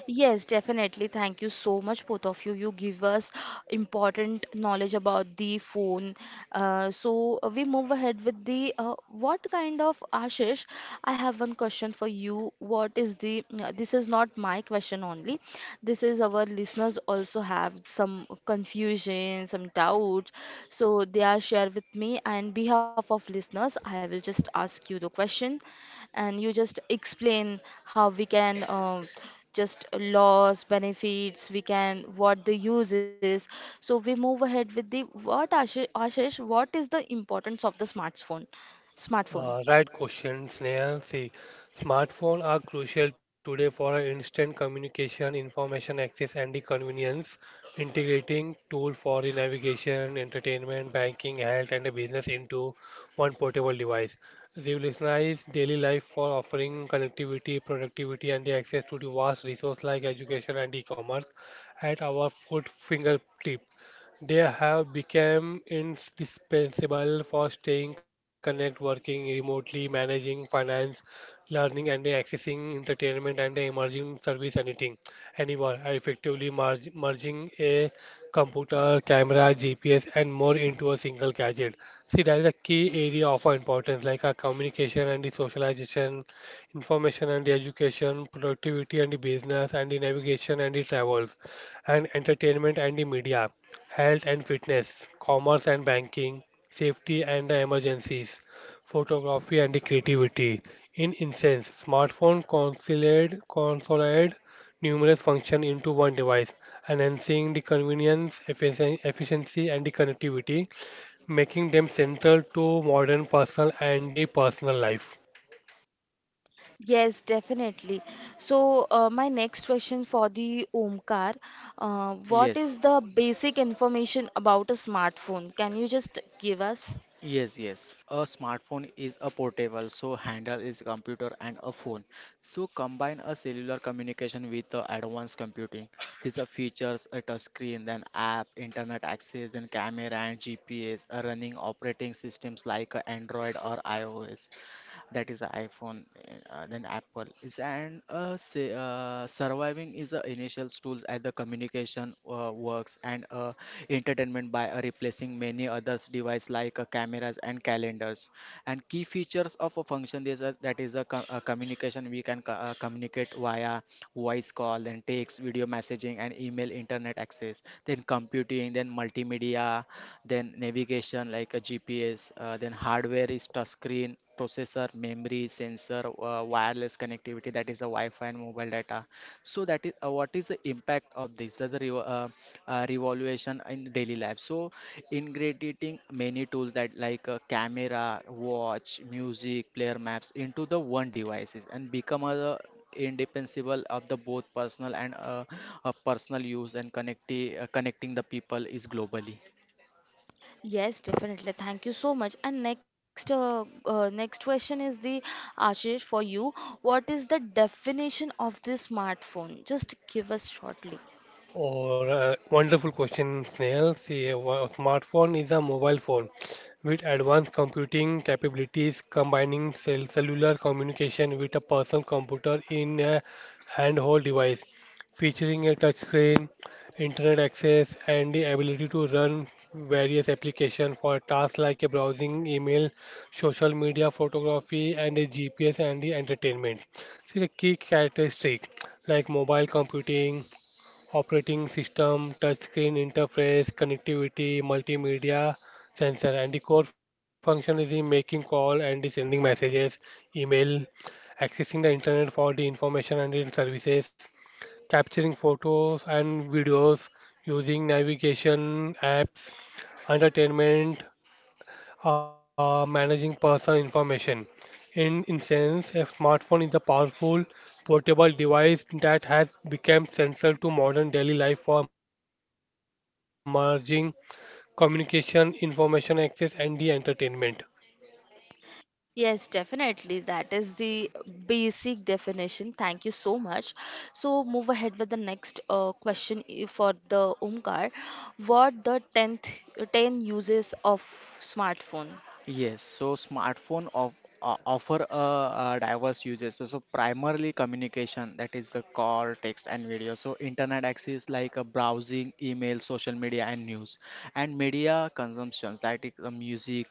A: Yes, definitely. Thank you so much, both of you. You give us important knowledge about the phone. We move ahead with the what kind of Ashish? I have one question for you. What is the? This is not my question only. This is our listeners also have some confusion, some doubts. So they are share with me, and behalf of listeners, I will just ask you the question and you just explain how we can just loss benefits we can what the use is, so we move ahead with the what ashish, ashish, what is the importance of the smartphone?
C: Right question, Snehal. See, smartphones are crucial today for our instant communication, information access, and the convenience. Integrating tool for the navigation, entertainment, banking, health, and the business into one portable device. Revolutionize daily life for offering connectivity, productivity, and the access to the vast resource like education and e-commerce at our foot fingertip. They have become indispensable for staying connected, working remotely, managing finance, learning and accessing entertainment and emerging service anything, anywhere, effectively merging a computer, camera, GPS and more into a single gadget. See, that is a key area of our importance, like our communication and the socialization, information and the education, productivity and the business and the navigation and the travels, and entertainment and the media, health and fitness, commerce and banking, safety and the emergencies, photography and the creativity. In essence, smartphone consolidate numerous functions into one device, enhancing the convenience, efficiency, and the connectivity, making them central to modern personal and the personal life.
A: Yes, definitely. So, my next question for the Omkar, what is
B: Yes.
A: the basic information about a smartphone? Can you just give us?
B: Yes, yes. A smartphone is a portable, so handle is a computer and a phone. So combine a cellular communication with the advanced computing. These are features, a touch screen, then app, internet access, then camera and GPS, running operating systems like a Android or iOS, that is iPhone, then Apple is and surviving is the initial tools as the communication works and entertainment by replacing many others device like cameras and calendars. And key features of a function is that, that is a, a communication, we can communicate via voice call, then text video messaging and email, internet access, then computing, then multimedia, then navigation like a GPS, then hardware is touchscreen, processor, memory, sensor, wireless connectivity, that is a Wi-Fi and mobile data. So that is what is the impact of this? The revolution in daily life. So integrating many tools that like a camera, watch, music, player maps into the one devices, and become a indispensable of the both personal and personal use, and connecting the people is globally.
A: Yes, definitely. Thank you so much. And next, next question is the Ashish for you. What is the definition of the smartphone? Just give us shortly.
C: Or Wonderful question, Snail. See, a smartphone is a mobile phone with advanced computing capabilities combining cellular communication with a personal computer in a handheld device, featuring a touchscreen, internet access, and the ability to run various applications for tasks like a browsing, email, social media, photography, and a GPS and the entertainment. See, the key characteristic like mobile computing operating system, touchscreen interface, connectivity, multimedia, sensor. And the core function is in making call and the sending messages, email, accessing the internet for the information and the services, capturing photos and videos, using navigation apps, entertainment, managing personal information. In essence, a smartphone is a powerful portable device that has become central to modern daily life for merging communication, information access, and the entertainment.
A: Yes, definitely. That is the basic definition. Thank you so much. So move ahead with the next question for the Omkar. What the ten uses of smartphone?
B: Yes, so smartphone of offer a, diverse uses. So, so primarily communication, that is the call, text, and video. So internet access like a browsing, email, social media, and news, and media consumptions, that is music,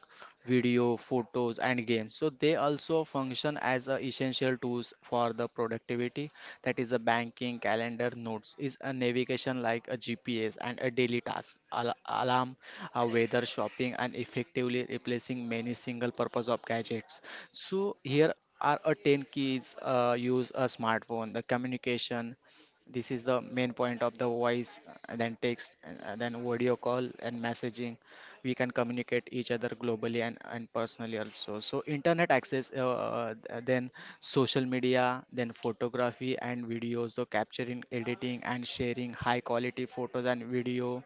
B: video, food, photos and games, so they also function as a essential tools for the productivity, that is a banking calendar notes, is a navigation like a gps, and a daily task alarm, a weather, shopping, and effectively replacing many single purpose of gadgets. So here are a 10 keys use a smartphone. The communication, this is the main point of the voice and then text, and then video call and messaging. We can communicate each other globally and personally also. So internet access, then social media, then photography and videos, so capturing, editing and sharing high quality photos and video,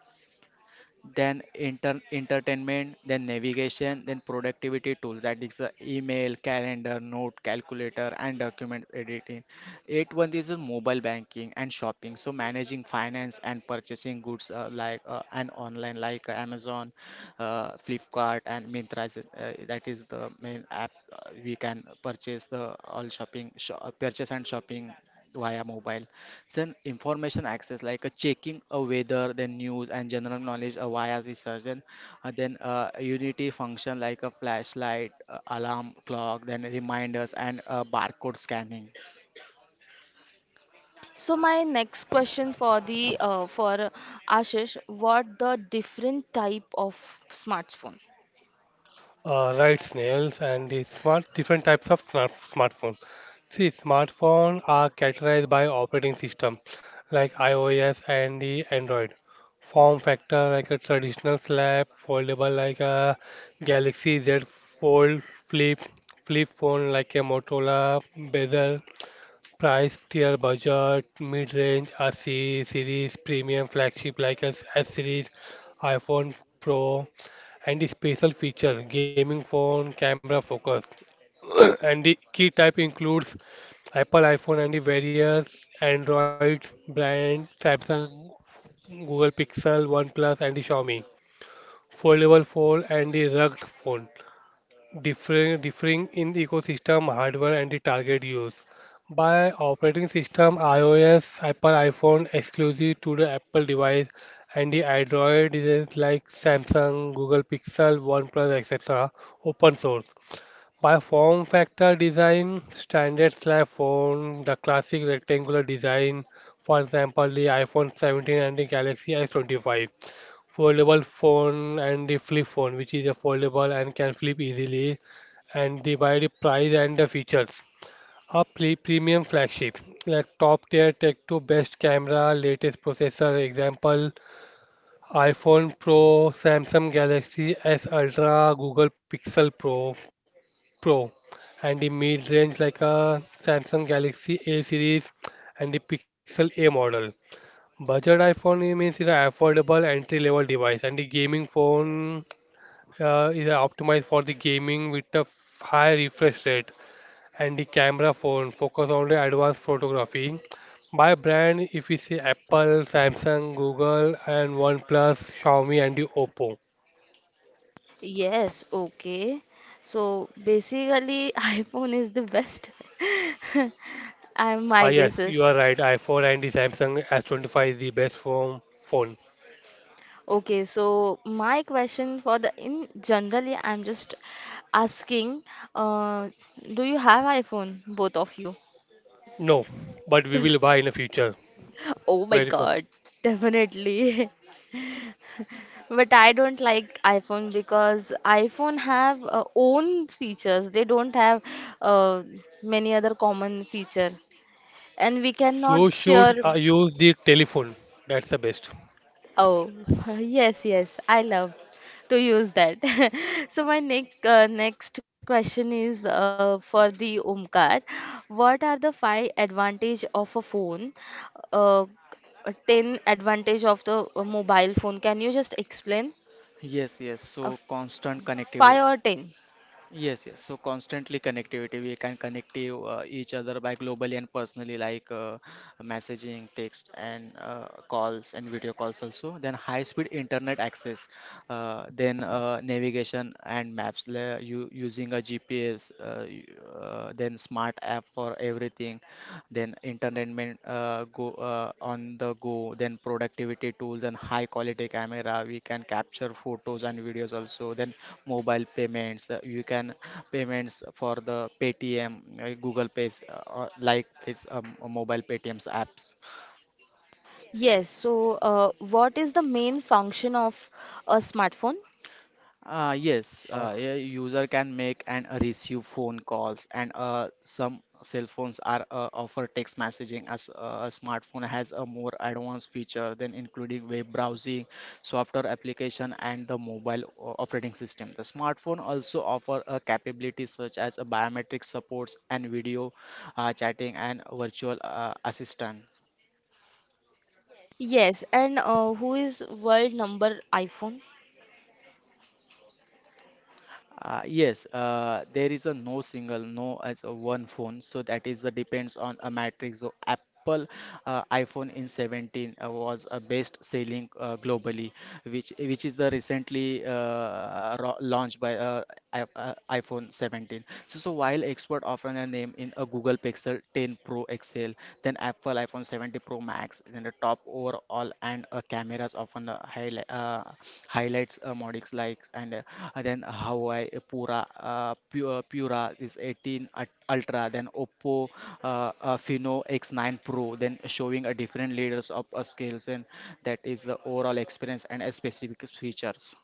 B: then entertainment, then navigation, then productivity tool, that is email, calendar, note, calculator, and document editing. Eight one is mobile banking and shopping. So managing finance and purchasing goods like and online, like Amazon, Flipkart, and Myntra. Is, that is the main app we can purchase the all shopping, purchase and shopping via mobile. It's an information access, like a checking a weather, then news and general knowledge via research, then a unity function like a flashlight, alarm clock, then reminders and barcode scanning.
A: So my next question for the for Ashish, what the different type of smartphone?
C: Right, snails, and the smart different types of smartphone. See, smartphone are categorized by operating system, like iOS and the Android. Form factor like a traditional slab, foldable like a Galaxy Z Fold, flip phone like a Motorola bezel, price tier budget, mid-range, are series, premium flagship like S series, iPhone Pro, and the special feature gaming phone camera focus. (coughs) And the key type includes Apple iPhone and the various Android brand, Samsung, Google Pixel, OnePlus, and the Xiaomi. Foldable phone and the rugged phone differing in the ecosystem hardware and the target use. By operating system, iOS, Apple iPhone exclusive to the Apple device, and the Android devices like Samsung, Google Pixel, OnePlus, etc. open source. By form factor design, standard slab phone, the classic rectangular design, for example, the iPhone 17 and the Galaxy S25, foldable phone and the flip phone, which is a foldable and can flip easily, and the by the price and the features. A premium flagship, like top tier tech to best camera, latest processor, example iPhone Pro, Samsung Galaxy S Ultra, Google Pixel Pro, and the mid range like a Samsung Galaxy A series and the Pixel A model. Budget iPhone, it means it's an affordable entry-level device, and the gaming phone is optimized for the gaming with a high refresh rate, and the camera phone focus on the advanced photography. By brand, if we see Apple, Samsung, Google, and OnePlus, Xiaomi, and the Oppo.
A: Yes, okay. So basically, (laughs) iPhone is the best. (laughs) I'm
C: Ah,
A: my
C: yes, you
A: guesses.
C: are right. iPhone and the Samsung S25 is the best phone. Phone.
A: Okay, so my question for the in generally, I'm just asking, uh, do you have iPhone, both of you?
C: No, but we will buy in the future.
A: (laughs) Oh my
C: Very fast.
A: God, definitely. (laughs) But I don't like iPhone because iPhone have own features. They don't have uh, many other common feature, and we
C: You
A: cannot
C: should
A: share.
C: use the telephone. That's the best.
A: Oh, (laughs) yes, yes, I love to use that. (laughs) So my next question is for the Omkar. What are the five advantage of a phone? Uh, Ten advantage of the mobile phone. Can you just explain?
B: Yes, yes.
A: Uh,
B: So constant connectivity.
A: five or ten?
B: Yes, yes. So constantly connectivity, we can connect to, each other by globally and personally, like messaging, text, and calls and video calls also. Then high-speed internet access, then navigation and maps, you using a GPS, then smart app for everything, then entertainment go on the go, then productivity tools and high quality camera, we can capture photos and videos also, then mobile payments, you can payments for the paytm, google pays, like this mobile paytms apps.
A: Yes, so what is the main function of a smartphone?
B: Yes,
C: Ah.
B: a user can make and receive phone calls, and some cell phones are offer text messaging as a smartphone has a more advanced feature than including web browsing, software application, and the mobile operating system. The smartphone also offer a capability such as a biometric supports and video chatting and virtual assistant.
A: Yes, and who is world number iPhone?
B: Yes, there is a no single, no as a one phone, so that is the depends on a matrix. So Apple iPhone in 17 was a best selling globally, which is the recently launched by iPhone 17. So while expert often a name in a Google Pixel 10 Pro XL, then Apple iPhone 70 Pro Max, then the top overall and cameras often highlights modics likes, and then Huawei Pura is 18 Ultra, then Oppo Fino X9 Pro, then showing a different leaders of scales and that is the overall experience and specific features.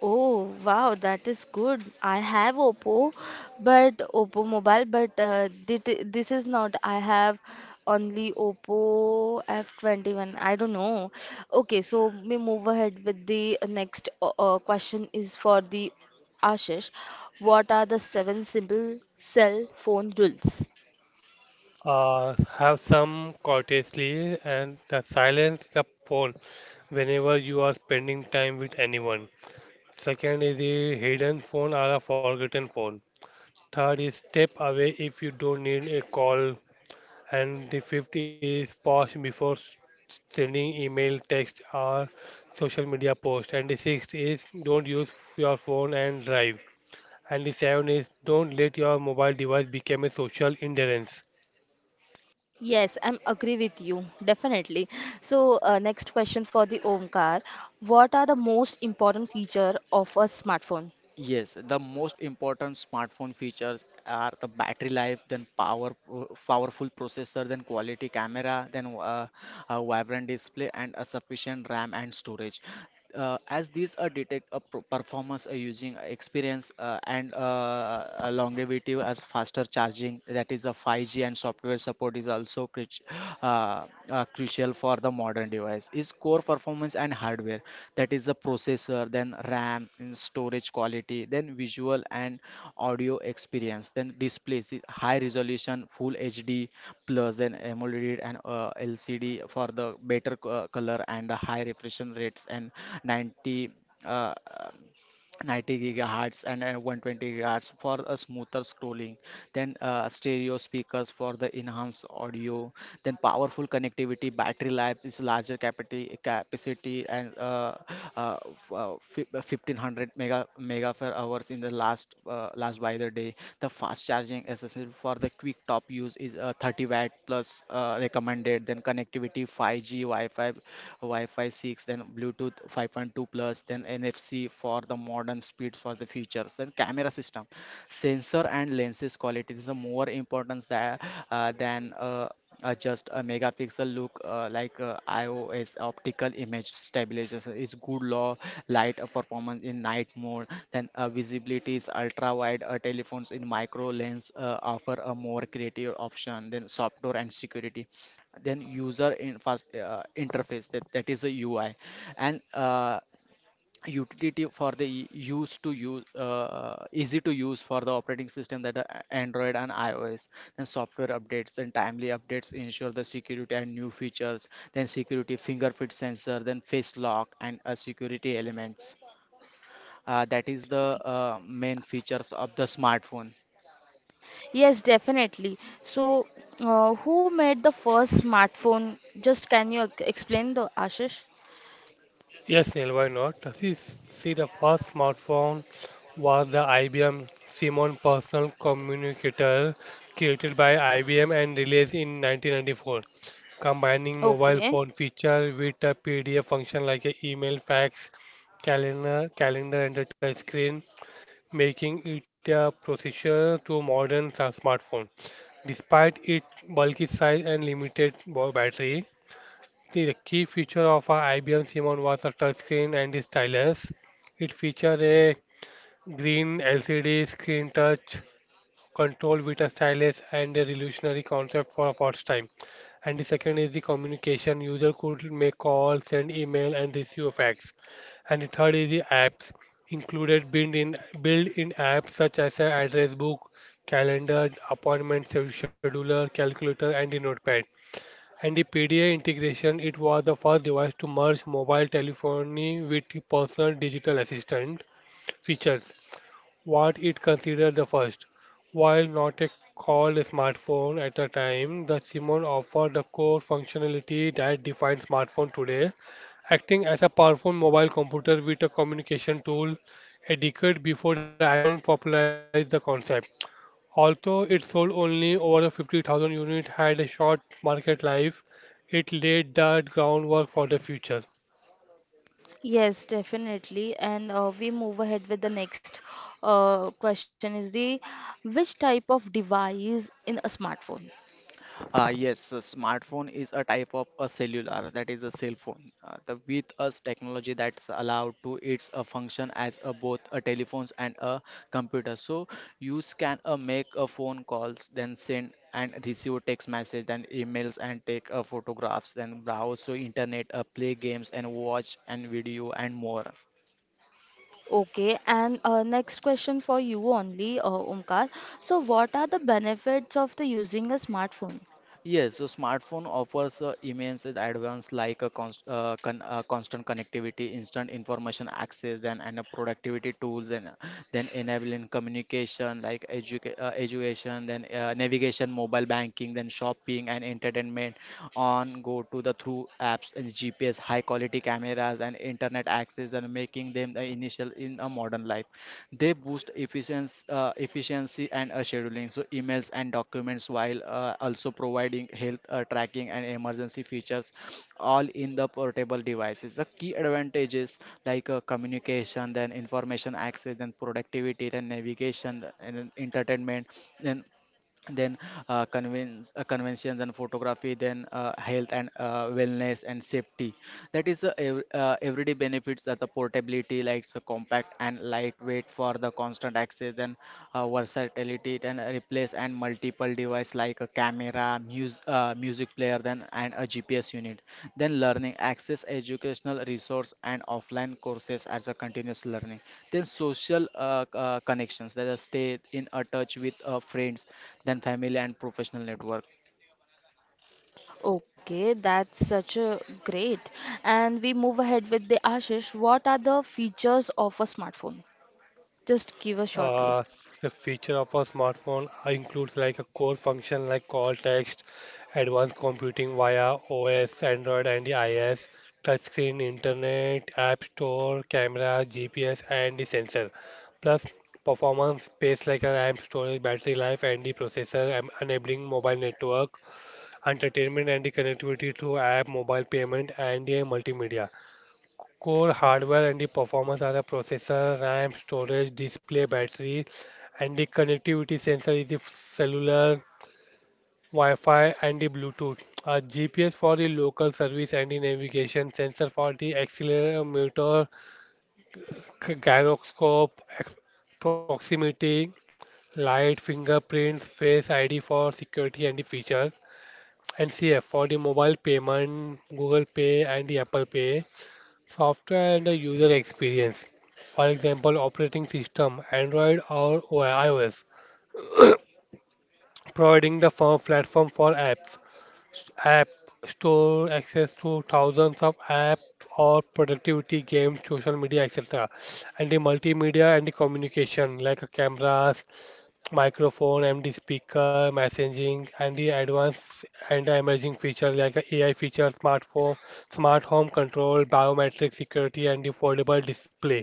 A: Oh wow, that is good. I have Oppo, but Oppo mobile, but this is not. I have only Oppo F21. I don't know. Okay, so we move ahead with the next question is for the Ashish. What are the seven simple cell phone rules?
C: Have some courtesy and the silence the phone whenever you are spending time with anyone. Second is a hidden phone or a forgotten phone. Third is step away if you don't need a call. And the fifth is pause before sending email, text, or social media post. And the sixth is don't use your phone and drive. And the seventh is don't let your mobile device become a social hindrance.
A: Yes, I'm agree with you, definitely. So, next question for the Omkar. What are the most important feature of a smartphone?
B: Yes, the most important smartphone features are the battery life, then powerful processor, then quality camera, then a vibrant display, and a sufficient RAM and storage. As these are detect a performance using experience and a longevity as faster charging, that is a 5G, and software support is also crit uh, crucial for the modern device is core performance and hardware, that is the processor, then ram and storage quality, then visual and audio experience, then displays is high resolution full hd plus, then amoled and lcd for the better color and the high refresh rates, and 90 uh, 90 gigahertz and 120 gigahertz for a smoother scrolling, then stereo speakers for the enhanced audio, then powerful connectivity, battery life is larger capacity and uh, 1500 mega per hours in the last last by the day, the fast charging accessible for the quick top use is 30-watt plus recommended, then connectivity 5G wi-fi 6, then Bluetooth 5.2 plus, then NFC for the modern speed for the features, then camera system, sensor and lenses quality. This is a more importance than just a megapixel look like iOS optical image stabilization is good law light performance in night mode, then visibility is ultra wide telephones in micro lens offer a more creative option. Then software and security, then user in first interface that is a UI, and utility for the e- use to use easy to use for the operating system that are Android and iOS, then software updates and timely updates ensure the security and new features, then security fingerprint sensor, then face lock and security elements, that is the main features of the smartphone.
A: Yes, definitely. So, who made the first smartphone? Just can you explain the Ashish?
C: Yes, Neil, why not? See, the first smartphone was the IBM Simon Personal Communicator, created by IBM and released in 1994, combining mobile
A: Okay.
C: phone feature with a PDF function like a email, fax, calendar, and a touch screen, making it a processor to modern smartphone. Despite its bulky size and limited battery, the key feature of our IBM Simon was a touchscreen and the stylus. It featured a green LCD screen touch control with a stylus and a revolutionary concept for a first time. And the second is the communication. User could make calls, send email, and receive fax. And the third is the apps. Included built-in apps such as a address book, calendar, appointment scheduler, calculator, and the notepad, and the PDA integration, it was the first device to merge mobile telephony with personal digital assistant features, what it considered the first. While not a called a smartphone at the time, the Simon offered the core functionality that defines smartphone today, acting as a powerful mobile computer with a communication tool a decade before the iPhone popularized the concept. Although it sold only over 50,000 units had a short market life, it laid the groundwork for the future.
A: Yes, definitely. And we move ahead with the next question is the which type of device in a smartphone?
B: Yes, A smartphone is a type of a cellular, that is a cell phone. The with us technology that's allowed to its a function as a both a telephones and a computer. So you can make a phone calls, then send and receive text message, then emails, and take photographs, then browse to internet, play games and watch and video and more.
A: Okay, and next question for you only, Omkar. So, what are the benefits of the using a smartphone?
B: Yes, so smartphone offers immense advance like constant connectivity, instant information access, then and a productivity tools, and then enabling communication like education, then navigation, mobile banking, then shopping and entertainment on go to the through apps and GPS, high quality cameras and internet access, and making them the initial in a modern life. They boost efficiency and scheduling, so emails and documents, while also providing health tracking and emergency features, all in the portable devices. The key advantages like communication, then information access, then productivity, then navigation, and then entertainment, then then convince, conventions and photography, then health and wellness and safety, that is the everyday benefits, that the portability like it's a compact and lightweight for the constant access, then versatility, then replace and multiple device like a camera, music player, then and a gps unit, then learning access educational resource and offline courses as a continuous learning, then social connections, that is stay in a touch with friends than family and professional network.
A: Okay, that's such a great. And we move ahead with the Ashish. What are the features of a smartphone? Just give us
C: Uh,
A: shortly.
C: the feature of a smartphone includes like a core function like call text, advanced computing via OS, Android and the iOS, touchscreen, internet, app store, camera, GPS and the sensor. Plus performance, space like a RAM storage, battery life and the processor, enabling mobile network entertainment and the connectivity through app, mobile payment, and the multimedia. Core hardware and the performance are the processor, RAM, storage, display, battery, and the connectivity sensor is the cellular, Wi-Fi, and the Bluetooth. A GPS for the local service and the navigation, sensor for the accelerometer, gyroscope, proximity, light, fingerprints, face ID for security and the features. NCF for the mobile payment, Google Pay, and the Apple Pay, software and the user experience. For example, operating system, Android or iOS, providing the firm platform for apps, app store access to thousands of apps or productivity games, social media, etc. And the multimedia and the communication like cameras, microphone, MD speaker, messaging, and the advanced and the emerging feature like a AI feature, smartphone, smart home control, biometric security, and the foldable display.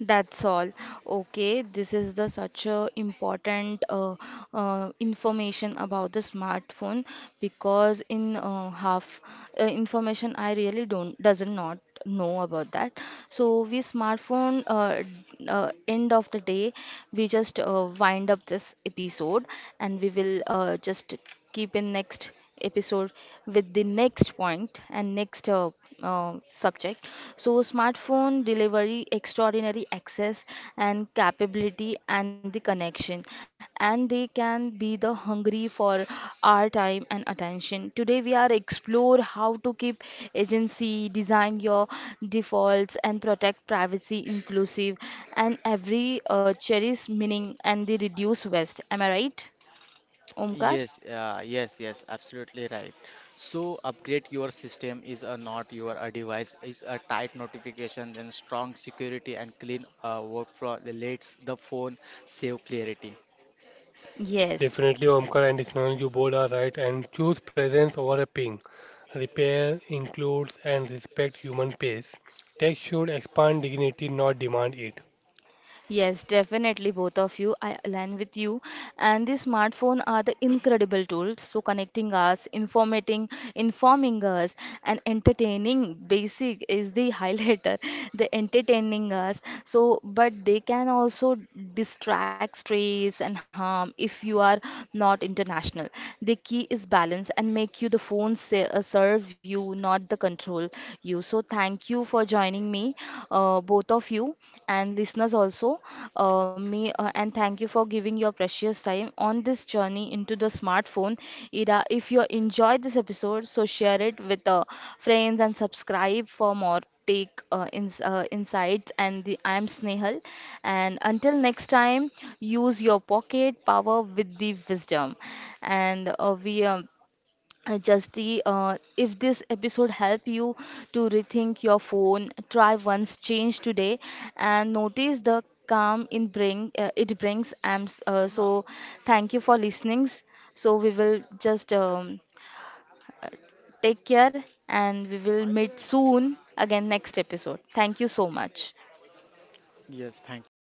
A: That's all. Okay, this is the such a important information about the smartphone because in half information I really don't doesn't not know about that. So we smartphone end of the day we just wind up this episode and we will just keep in next episode with the next point and next subject. So, smartphone delivery, extraordinary access and capability, and the connection, and they can be the hungry for our time and attention. Today, we are explore how to keep agency, design your defaults, and protect privacy inclusive, and every cherish meaning and the reduce waste. Am I right, Omkar?
B: Yes, Yes, absolutely right. So upgrade your system is a not your a device is a tight notification, then strong security and clean workflow that lets the phone save clarity.
A: Yes.
C: Definitely, Omkar and Ismail, you both are right. And choose presence over a ping. Repair includes and respect human pace. Tech should expand dignity, not demand it.
A: Yes, definitely, both of you. I align with you. And the smartphone are the incredible tools. So connecting us, informing us, and entertaining. Basic is the (laughs) highlighter. The entertaining us. So, but they can also distract, stress, and harm if you are not international. The key is balance and make you the phone se serve you, not the control you. So thank you for joining me, both of you and listeners also. Me and thank you for giving your precious time on this journey into the smartphone era. If you enjoyed this episode, so share it with friends and subscribe for more take ins insights. And the, I am Snehal, and until next time, use your pocket power with the wisdom. And we Justy, if this episode help you to rethink your phone, try once change today and notice the calm in bring it brings. So thank you for listening. So we will just uh, take care and we will meet soon again next episode. Thank you so much.
B: Yes, thank you.